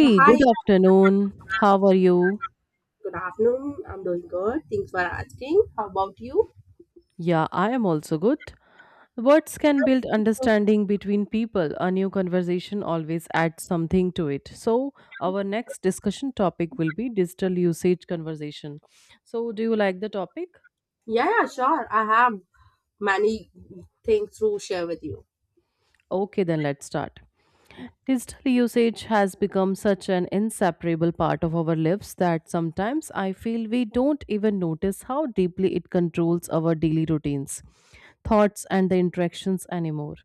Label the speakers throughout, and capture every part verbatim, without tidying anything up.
Speaker 1: Uh, Hi,
Speaker 2: good afternoon. How are you?
Speaker 1: good afternoon. I'm doing good. Thanks for asking. How about you?
Speaker 2: Yeah, I am also good. Words can build understanding between people. A new conversation always adds something to it. So, our next discussion topic will be digital usage conversation. So, do you like the topic?
Speaker 1: Yeah, yeah, sure. I have many things to share with you.
Speaker 2: Okay, then let's start. Digital usage has become such an inseparable part of our lives that sometimes I feel we don't even notice how deeply it controls our daily routines, thoughts, and the interactions anymore.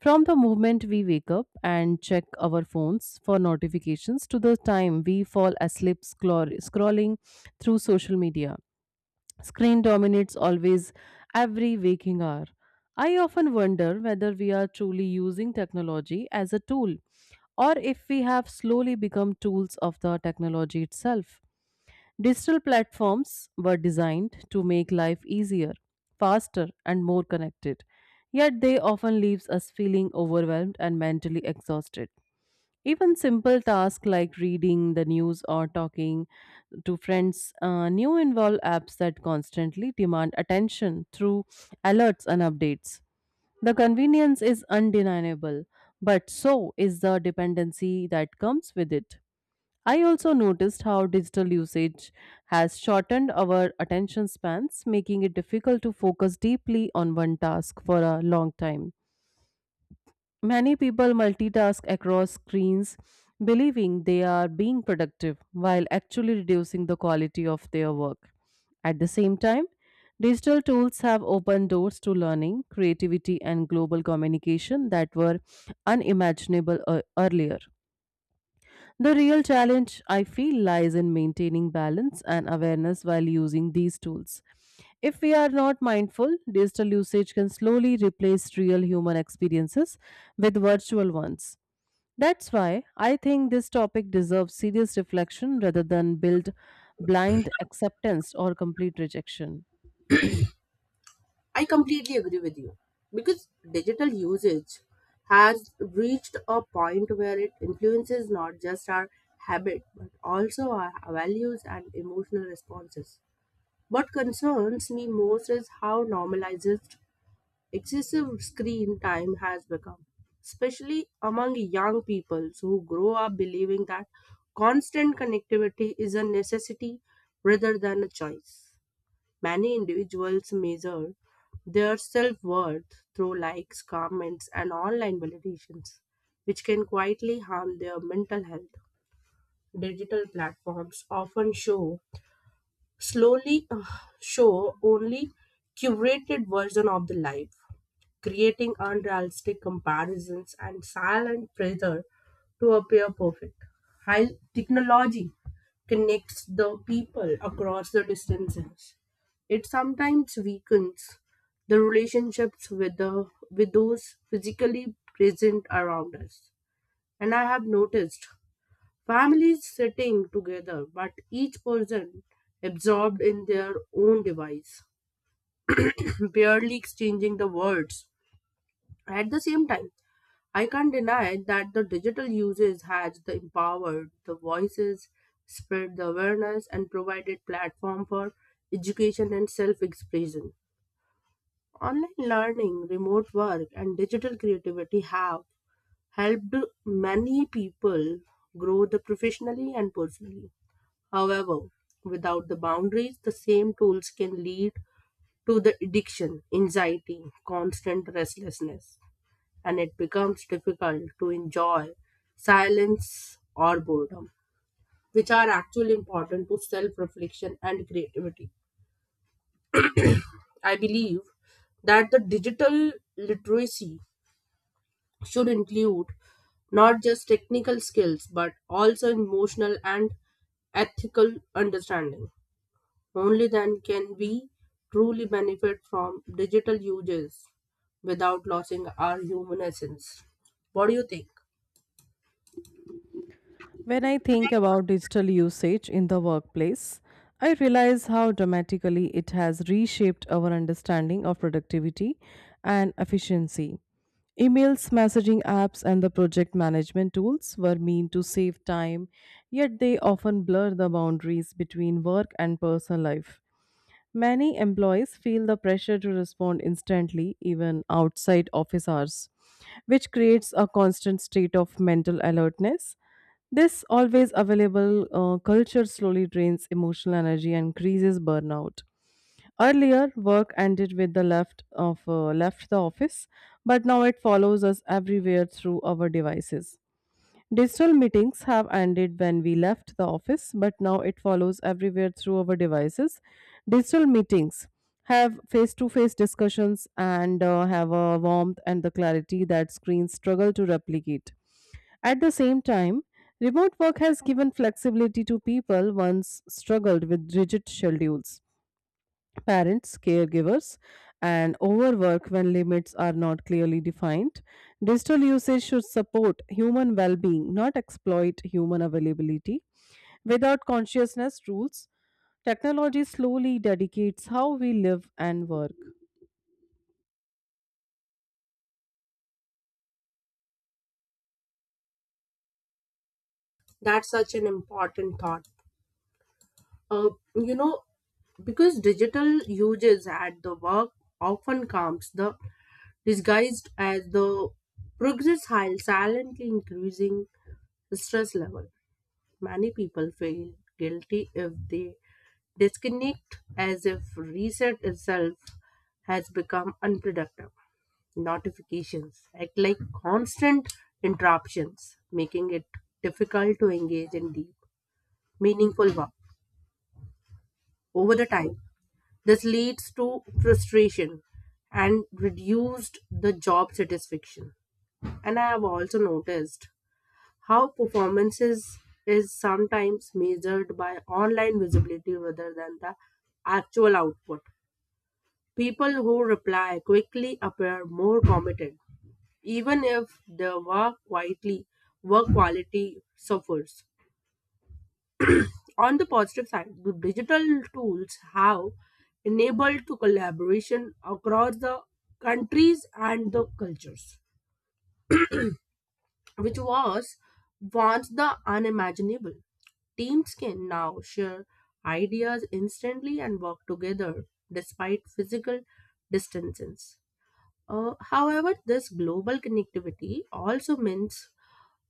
Speaker 2: From the moment we wake up and check our phones for notifications to the time we fall asleep scroll- scrolling through social media, screen dominates always every waking hour. I often wonder whether we are truly using technology as a tool or if we have slowly become tools of the technology itself. Digital platforms were designed to make life easier, faster, and more connected. Yet they often leaves us feeling overwhelmed and mentally exhausted. Even simple tasks like reading the news or talking to friends uh, new involve apps that constantly demand attention through alerts and updates. The convenience is undeniable, but so is the dependency that comes with it. I also noticed how digital usage has shortened our attention spans, making it difficult to focus deeply on one task for a long time. Many people multitask across screens, believing they are being productive while actually reducing the quality of their work. At the same time, digital tools have opened doors to learning, creativity, and global communication that were unimaginable ear- earlier. The real challenge, I feel, lies in maintaining balance and awareness while using these tools. If we are not mindful, digital usage can slowly replace real human experiences with virtual ones. That's why I think this topic deserves serious reflection rather than build blind acceptance or complete rejection.
Speaker 1: I completely agree with you because digital usage has reached a point where it influences not just our habit but also our values and emotional responses. What concerns me most is how normalized excessive screen time has become, especially among young people who grow up believing that constant connectivity is a necessity rather than a choice. Many individuals measure their self worth through likes, comments, and online validations, which can quietly harm their mental health. Digital platforms often show slowly uh, show only curated version of the life creating unrealistic comparisons and silent pressure to appear perfect. While technology connects the people across the distances, it sometimes weakens the relationships with the with those physically present around us. And I have noticed families sitting together, but each person absorbed in their own device, barely exchanging the words at the same time. I can't deny that the digital uses has the empowered the voices, spread the awareness, and provided platform for education and self-expression. Online learning, remote work, and digital creativity have helped many people grow the professionally and personally. However, without the boundaries, the same tools can lead to the addiction, anxiety, constant restlessness and it becomes difficult to enjoy silence or boredom, which are actually important to self reflection and creativity. I believe that the digital literacy should include not just technical skills but also emotional and ethical understanding. Only then can we truly benefit from digital uses without losing our human essence. What do you think?
Speaker 2: When I think about digital usage in the workplace, I realize how dramatically it has reshaped our understanding of productivity and efficiency. Emails, messaging apps, and the project management tools were meant to save time, yet they often blur the boundaries between work and personal life. Many employees feel the pressure to respond instantly, even outside office hours, which creates a constant state of mental alertness. This always available uh, culture slowly drains emotional energy and increases burnout. Earlier, work ended with the left of uh, left the office, but now it follows us everywhere through our devices. Digital meetings have ended when we left the office, but now it follows everywhere through our devices. Digital meetings have face to face discussions and uh, have a warmth and the clarity that screens struggle to replicate. At the same time, remote work has given flexibility to people once struggled with rigid schedules parents, caregivers, and overwork when limits are not clearly defined. Digital usage should support human well being, not exploit human availability. Without consciousness rules, technology slowly dedicates how we live and work.
Speaker 1: That's such an important thought. uh, you know, because digital uses at the work often comes the disguised as the progress while silently increasing the stress level, many people feel guilty if they disconnect as if reset itself has become unproductive. Notifications act like constant interruptions making it difficult to engage in deep meaningful work over the time. This leads to frustration and reduced the job satisfaction. And I have also noticed how performances is sometimes measured by online visibility rather than the actual output. People who reply quickly appear more committed, even if their work quietly work quality suffers. On the positive side, the digital tools have enabled to collaboration across the countries and the cultures, which was once the unimaginable. Teams can now share ideas instantly and work together despite physical distances. Uh, however, this global connectivity also means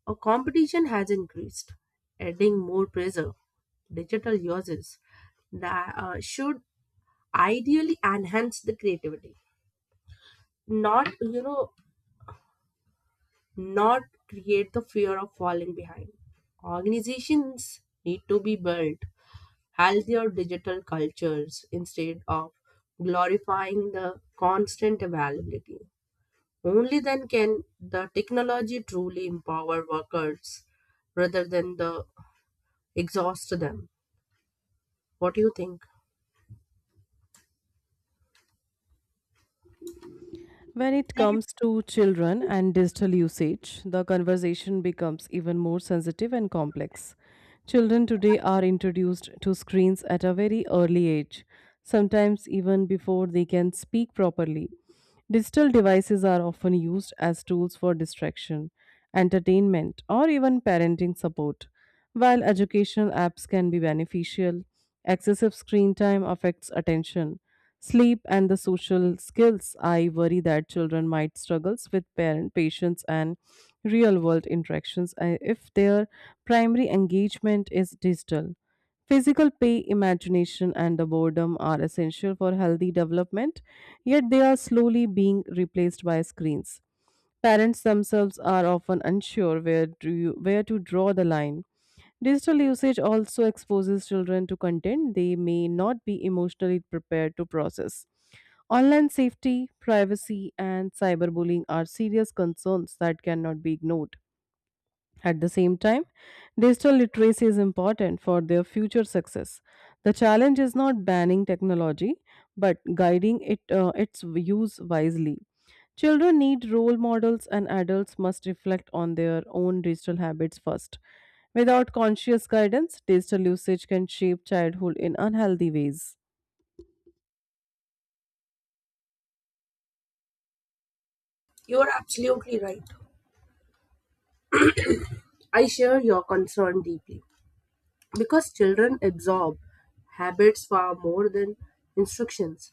Speaker 1: our competition has increased, adding more pressure. Digital uses that uh, should ideally enhance the creativity, not you know, not create the fear of falling behind. Organizations need to be built healthier digital cultures instead of glorifying the constant availability. Only then can the technology truly empower workers rather than the exhaust them. What do you think?
Speaker 2: When it comes to children and digital usage, the conversation becomes even more sensitive and complex. Children today are introduced to screens at a very early age, sometimes even before they can speak properly. Digital devices are often used as tools for distraction, entertainment, or even parenting support. While educational apps can be beneficial, excessive screen time affects attention sleep and the social skills. I worry that children might struggle with parent patience and real world interactions uh, if their primary engagement is digital. Physical play, imagination, and the boredom are essential for healthy development, yet they are slowly being replaced by screens. Parents themselves are often unsure where to, where to draw the line. Digital usage also exposes children to content they may not be emotionally prepared to process. Online safety, privacy, and cyberbullying are serious concerns that cannot be ignored. At the same time, digital literacy is important for their future success. The challenge is not banning technology, but guiding it, uh, its use wisely. Children need role models, and adults must reflect on their own digital habits first. Without conscious guidance, digital usage can shape childhood in unhealthy ways.
Speaker 1: You are absolutely right. I share your concern deeply because children absorb habits far more than instructions.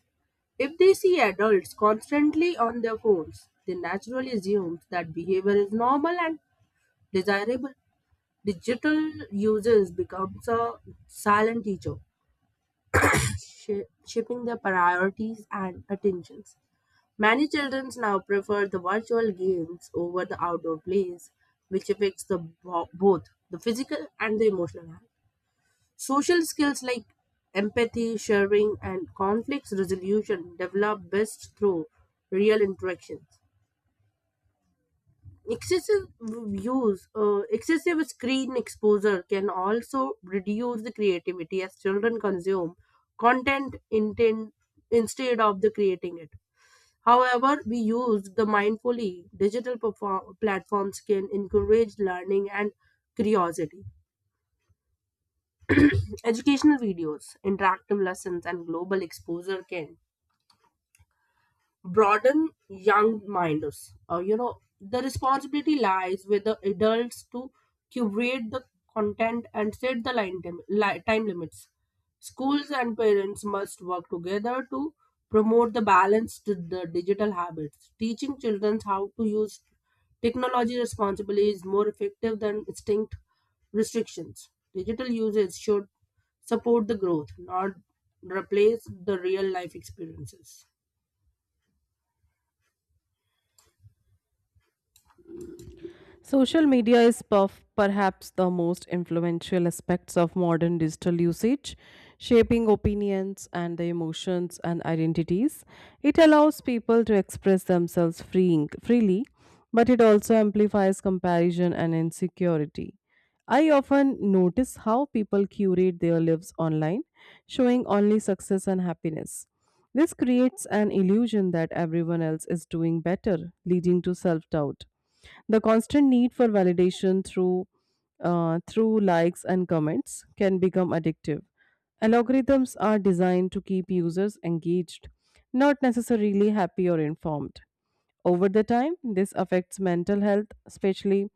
Speaker 1: If they see adults constantly on their phones, they naturally assume that behavior is normal and desirable. Digital users becomes a silent teacher, shi- shaping their priorities and attentions. Many children now prefer the virtual games over the outdoor plays, which affects the bo- both the physical and the emotional health. Social skills like empathy, sharing, and conflict resolution develop best through real interactions. excessive use uh, Excessive screen exposure can also reduce the creativity as children consume content intent instead of the creating it. However, we use the mindfully digital perform- platforms can encourage learning and curiosity. Educational videos interactive lessons and global exposure can broaden young minds. Uh, you know, the responsibility lies with the adults to curate the content and set the line tim- li- time limits. Schools and parents must work together to promote the balance to the digital habits. Teaching children how to use technology responsibly is more effective than strict restrictions. Digital usage should support the growth, not replace the real life experiences.
Speaker 2: Social media is perf- perhaps the most influential aspects of modern digital usage, shaping opinions and the emotions and identities. It allows people to express themselves freeing, freely, but it also amplifies comparison and insecurity. I often notice how people curate their lives online, showing only success and happiness. This creates an illusion that everyone else is doing better, leading to self doubt. The constant need for validation through uh, through likes and comments can become addictive. Algorithms are designed to keep users engaged, not necessarily happy or informed. Over the time, this affects mental health, especially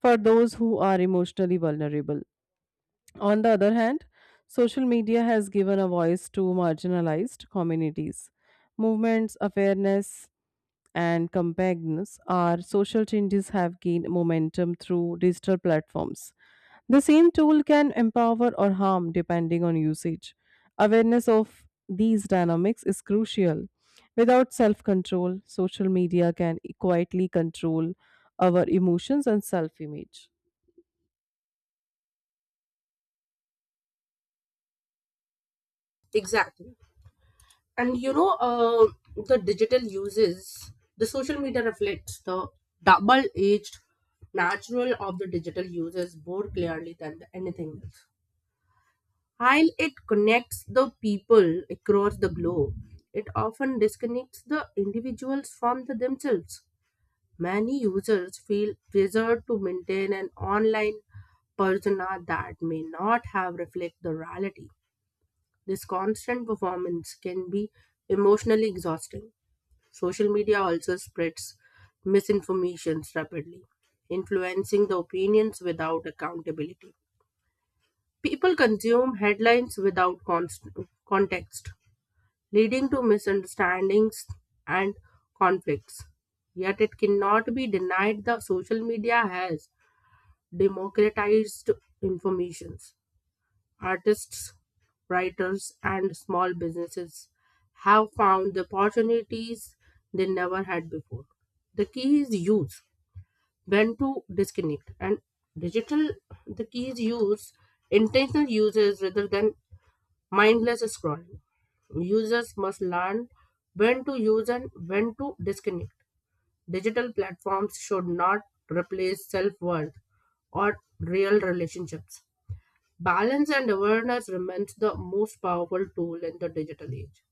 Speaker 2: for those who are emotionally vulnerable. On the other hand, social media has given a voice to marginalized communities. Movements, awareness, and compactness, our social changes have gained momentum through digital platforms. The same tool can empower or harm depending on usage. Awareness of these dynamics is crucial. Without self control, social media can e-, quietly control our emotions and self image.
Speaker 1: Exactly. and you know uh, the digital uses the social media reflects the double edged natural of the digital uses more clearly than anything else. While it connects the people across the globe, it often disconnects the individuals from the themselves. Many users feel pressured to maintain an online persona that may not have reflect the reality. This constant performance can be emotionally exhausting. Social media also spreads misinformations rapidly, influencing the opinions without accountability. People consume headlines without const- context, leading to misunderstandings and conflicts. Yet it cannot be denied that social media has democratized information. Artists, writers, and small businesses have found the opportunities they never had before. The key is use, when to disconnect, and digital. The key is use, intentional uses rather than mindless scrolling. Users must learn when to use and when to disconnect. Digital platforms should not replace self worth or real relationships. Balance and awareness remains the most powerful tool in the digital age.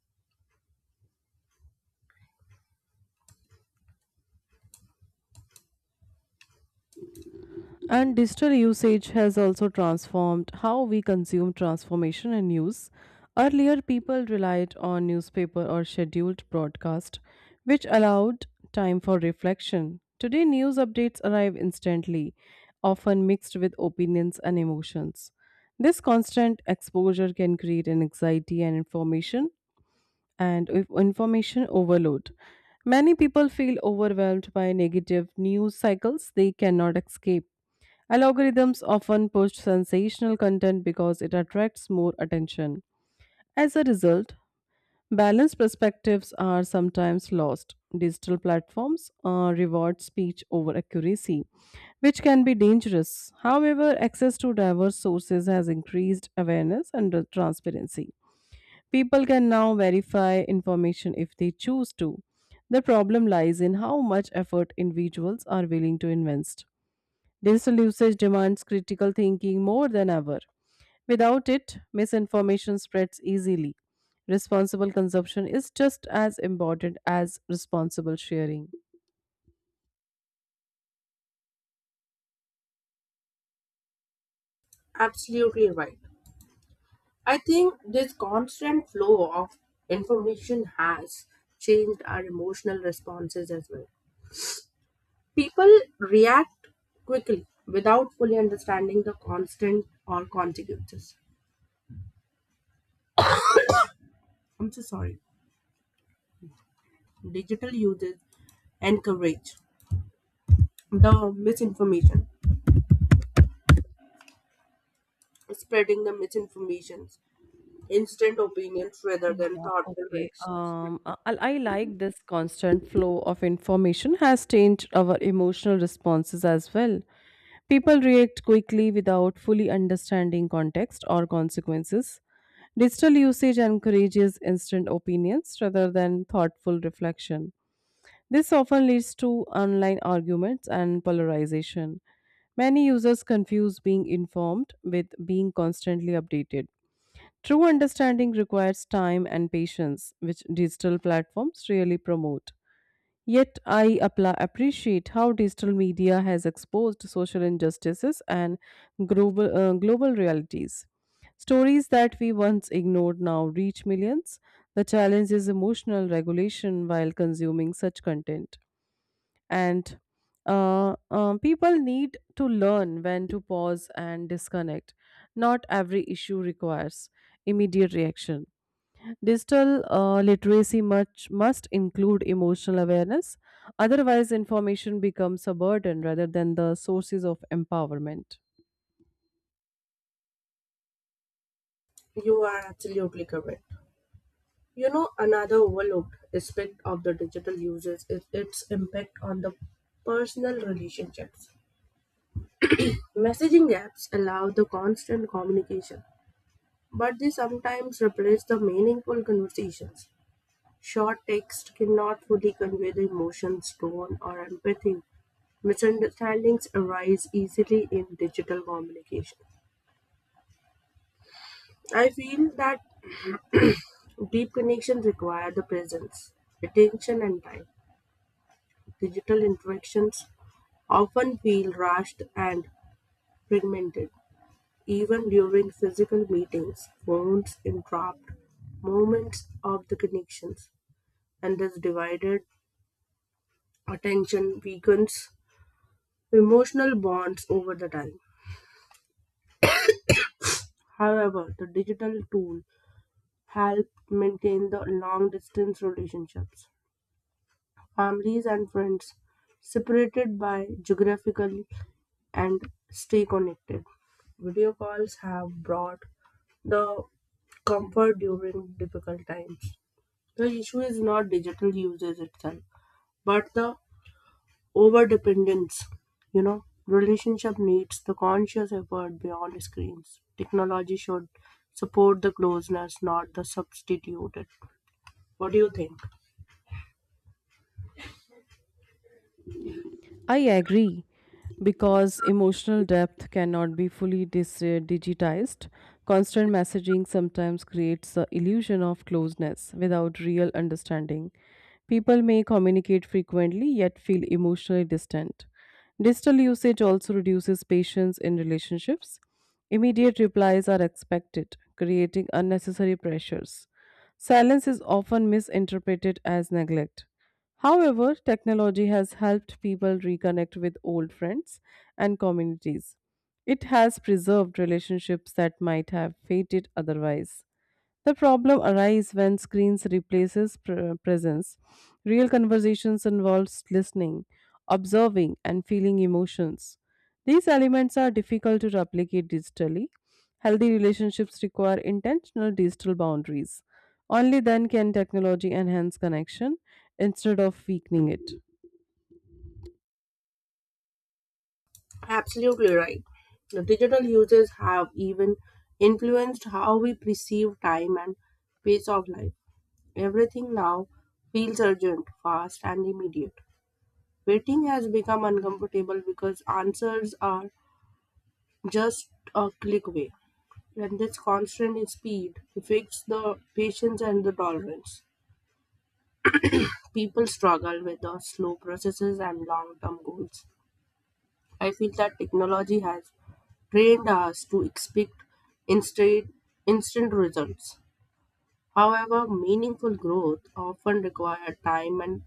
Speaker 2: And digital usage has also transformed how we consume transformation and news. Earlier, people relied on newspaper or scheduled broadcast, which allowed time for reflection. Today, news updates arrive instantly, often mixed with opinions and emotions. This constant exposure can create an anxiety and information and if- information overload. Many people feel overwhelmed by negative news cycles they cannot escape. Algorithms often push sensational content because it attracts more attention. As a result, balanced perspectives are sometimes lost. Digital platforms uh, reward speech over accuracy, which can be dangerous. However, access to diverse sources has increased awareness and uh, transparency. People can now verify information if they choose to. The problem lies in how much effort individuals are willing to invest. Digital usage demands critical thinking more than ever. Without it, misinformation spreads easily. Responsible consumption is just as important as responsible sharing.
Speaker 1: Absolutely right. I think this constant flow of information has changed our emotional responses as well. People react quickly without fully understanding the constant or consequences. I'm so sorry. Digital uses encourage the misinformation, spreading the misinformations, instant opinions rather than
Speaker 2: Yeah,
Speaker 1: thoughtful
Speaker 2: okay.
Speaker 1: reactions.
Speaker 2: Um, I, I like this constant flow of information has changed our emotional responses as well. People react quickly without fully understanding context or consequences. Digital usage encourages instant opinions rather than thoughtful reflection. This often leads to online arguments and polarization. Many users confuse being informed with being constantly updated. True understanding requires time and patience, which digital platforms really promote. Yet, I appla appreciate how digital media has exposed social injustices and global, uh, global realities. Stories that we once ignored now reach millions. The challenge is emotional regulation while consuming such content and uh, um, people need to learn when to pause and disconnect. Not every issue requires immediate reaction. Digital uh, literacy much must include emotional awareness. Otherwise, information becomes a burden rather than the sources of empowerment.
Speaker 1: You are absolutely correct. You know, another overlooked aspect of the digital usage is its impact on the personal relationships. Messaging apps allow the constant communication, but they sometimes replace the meaningful conversations. Short text cannot fully convey the emotions, tone, or empathy. Misunderstandings arise easily in digital communication. I feel that deep connections require the presence, attention, and time. Digital interactions often feel rushed and fragmented, even during physical meetings. Phones interrupt moments of the connections, and this divided attention weakens emotional bonds over the time. However, the digital tool help maintain the long distance relationships. Families and friends separated by geographically and stay connected. Video calls have brought the comfort during difficult times. The issue is not digital usage itself, but the over dependence. You know, relationship needs the conscious effort beyond screens. Technology should support the closeness, not the substitute it. What do you think?
Speaker 2: I agree. Because emotional depth cannot be fully dis- uh, digitized. Constant messaging sometimes creates the illusion of closeness without real understanding. People may communicate frequently yet feel emotionally distant. Digital usage also reduces patience in relationships. Immediate replies are expected, creating unnecessary pressures. Silence is often misinterpreted as neglect. However, technology has helped people reconnect with old friends and communities. It has preserved relationships that might have faded otherwise. The problem arises when screens replaces pr- uh, presence. Real conversations involves listening, observing, and feeling emotions. These elements are difficult to replicate digitally. Healthy relationships require intentional digital boundaries. Only then can technology enhance connection instead of weakening it.
Speaker 1: Absolutely right. The digital uses have even influenced how we perceive time and pace of life. Everything now feels urgent, fast, and immediate. Waiting has become uncomfortable because answers are just a click away, and this constant speed affects the patience and the tolerance. People struggle with the slow processes and long term goals. I feel that technology has trained us to expect instant, instant results. However, meaningful growth often requires time and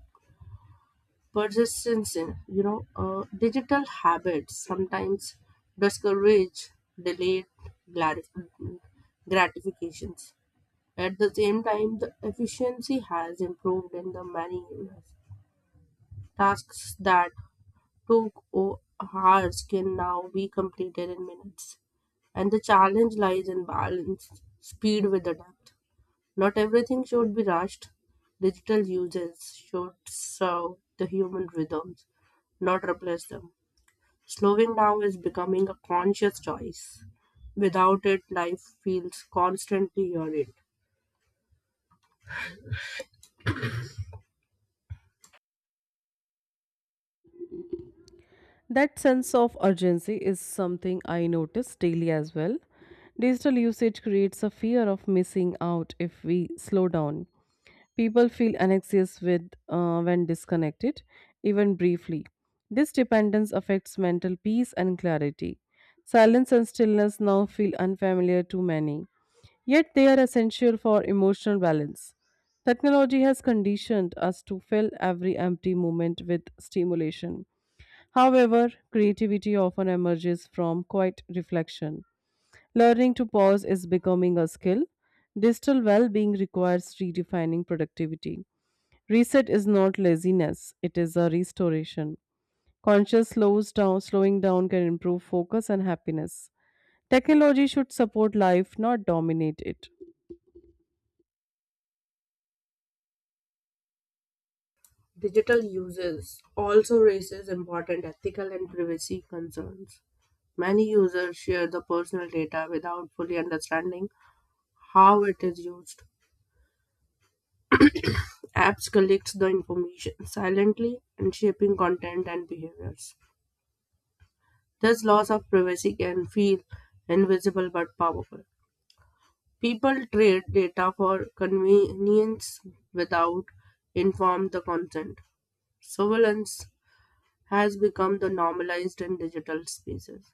Speaker 1: persistence in you know uh, digital habits sometimes discourage delayed glati- gratifications. At the same time the efficiency has improved in the many areas. Tasks that took o- hours can now be completed in minutes, and the challenge lies in balance speed with the depth. Not everything should be rushed. Digital uses should serve the human rhythms, not replace them. Slowing down is becoming a conscious choice. Without it, life feels constantly hurried.
Speaker 2: That sense of urgency is something I notice daily as well. Digital usage creates a fear of missing out if we slow down. People feel anxious with uh, when disconnected, even briefly. This dependence affects mental peace and clarity. Silence and stillness now feel unfamiliar to many, yet they are essential for emotional balance. Technology has conditioned us to fill every empty moment with stimulation. However, creativity often emerges from quiet reflection. Learning to pause is becoming a skill. Digital well being requires redefining productivity. Reset is not laziness, it is a restoration. Conscious slows down, slowing down can improve focus and happiness. Technology should support life, not dominate it.
Speaker 1: Digital uses also raises important ethical and privacy concerns. Many users share the personal data without fully understanding how it is used. Apps collect the information silently and shaping content and behaviors. This loss of privacy can feel invisible but powerful. People trade data for convenience without informed the consent. Surveillance has become the normalized in digital spaces.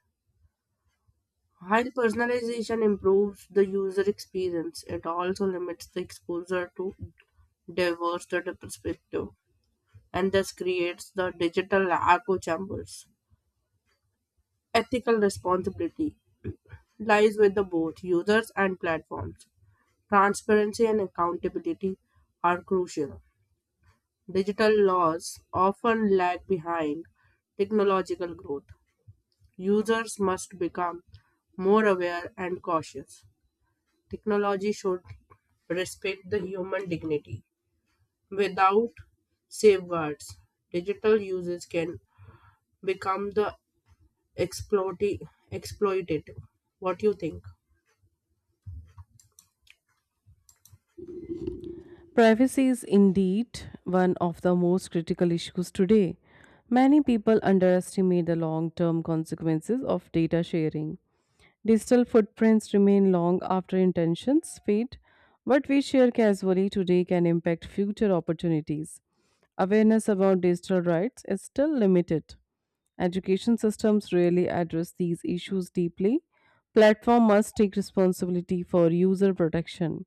Speaker 1: While personalization improves the user experience, it also limits the exposure to diverse data perspective and thus creates the digital echo chambers. Ethical responsibility lies with the both users and platforms. Transparency and accountability are crucial. Digital laws often lag behind technological growth. Users must become more aware and cautious. Technology should respect the human dignity. Without safeguards, digital uses can become the exploiti- exploitative. What do you think?
Speaker 2: Privacy is indeed one of the most critical issues today. Many people underestimate the long term consequences of data sharing. Digital footprints remain long after intentions fade. What we share casually today can impact future opportunities. Awareness about digital rights is still limited. Education systems rarely address these issues deeply. Platform must take responsibility for user protection.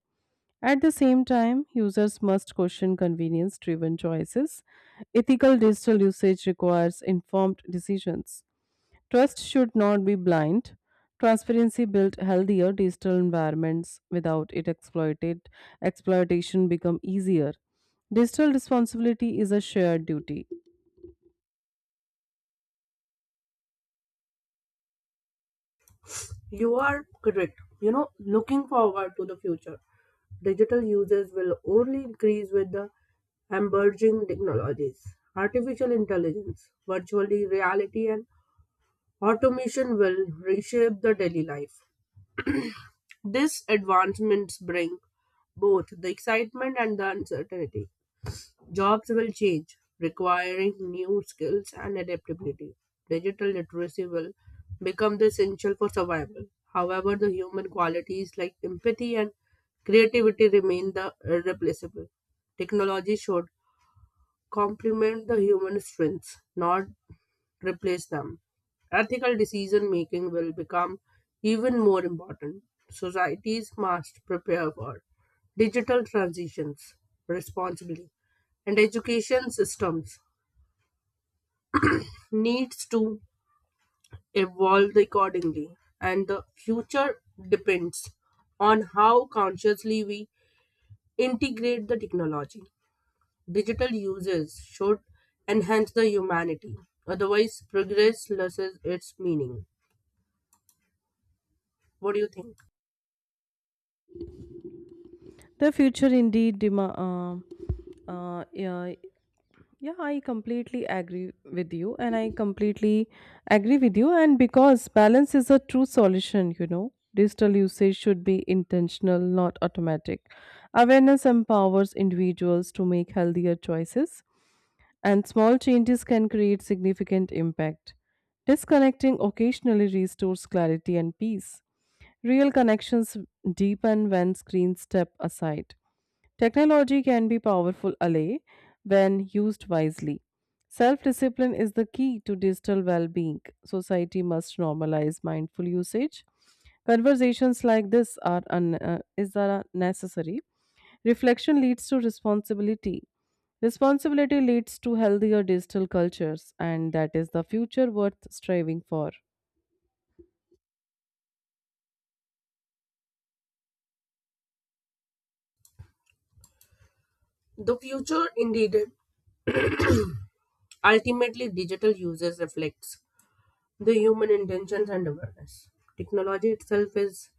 Speaker 2: At the same time, users must question convenience driven choices. Ethical digital usage requires informed decisions. Trust should not be blind. Transparency built healthier digital environments without it exploited exploitation become easier. Digital responsibility is a shared duty.
Speaker 1: You are correct. You know, looking forward to the future. Digital users will only increase with the emerging technologies. Artificial intelligence, virtual reality, and automation will reshape the daily life. These advancements bring both the excitement and the uncertainty. Jobs will change, requiring new skills and adaptability. Digital literacy will become the essential for survival. However, the human qualities like empathy and creativity remain the irreplaceable. Technology should complement the human strengths, not replace them. Ethical decision making will become even more important. Societies must prepare for digital transitions responsibly, and education systems needs to evolve accordingly. And the future depends on how consciously we integrate the technology. Digital uses should enhance the humanity. Otherwise, progress loses its meaning. What do you think?
Speaker 2: The future indeed dema- uh, uh, yeah, Yeah, I completely agree with you, and I completely agree with you. And because balance is a true solution, you know, digital usage should be intentional, not automatic. Awareness empowers individuals to make healthier choices, and small changes can create significant impact. Disconnecting occasionally restores clarity and peace. Real connections deepen when screens step aside. Technology can be powerful ally when used wisely. Self discipline is the key to digital well being. Society must normalize mindful usage. Conversations like this are, un- uh, is are necessary. Reflection leads to responsibility. Responsibility leads to healthier digital cultures, and that is the future worth striving for.
Speaker 1: The future, indeed, ultimately digital users reflects the human intentions and awareness. Technology itself is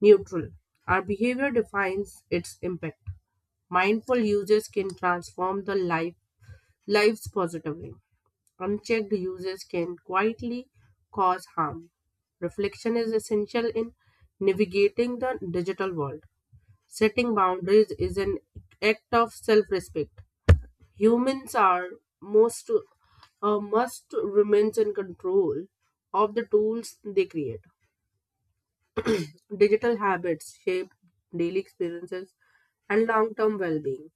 Speaker 1: neutral. Our behavior defines its impact. Mindful users can transform the life lives positively. Unchecked users can quietly cause harm. Reflection is essential in navigating the digital world. Setting boundaries is an act of self-respect. Humans are most uh, must remain in control of the tools they create. Digital habits shape daily experiences and long-term well-being.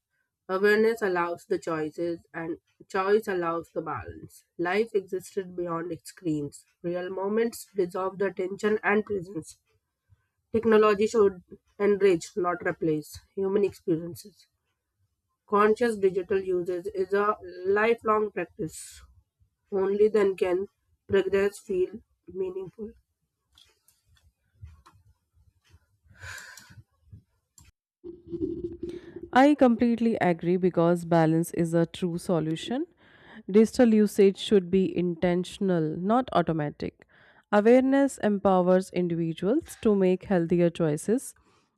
Speaker 1: Awareness allows the choices, and choice allows the balance. Life existed beyond its screens. Real moments dissolve the attention and presence. Technology should enrich, not replace, human experiences. Conscious digital usage is a lifelong practice. Only then can progress feel meaningful.
Speaker 2: I completely agree because balance is a true solution. Digital usage should be intentional, not automatic. Awareness empowers individuals to make healthier choices,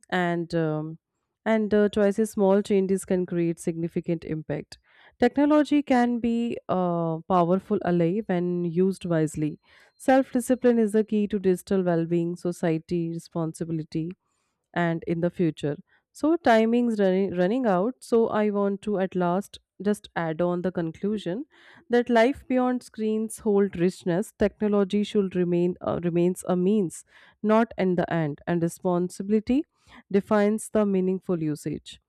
Speaker 2: and um, and uh, choices small changes can create significant impact. Technology can be a powerful ally when used wisely. Self discipline is the key to digital well being, society responsibility, and in the future. So timing's running running out, so I want to at last just add on the conclusion that life beyond screens hold richness. Technology should remain uh, remains a means, not in the end, and responsibility defines the meaningful usage.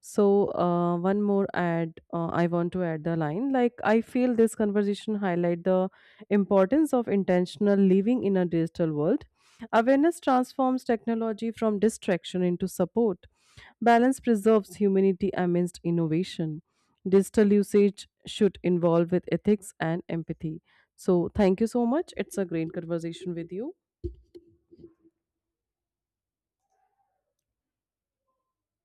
Speaker 2: So uh, one more add, uh, I want to add the line like I feel this conversation highlight the importance of intentional living in a digital world. Awareness transforms technology from distraction into support. Balance preserves humanity amidst innovation. Digital usage should involve with ethics and empathy. So thank you so much. It's a great conversation with you.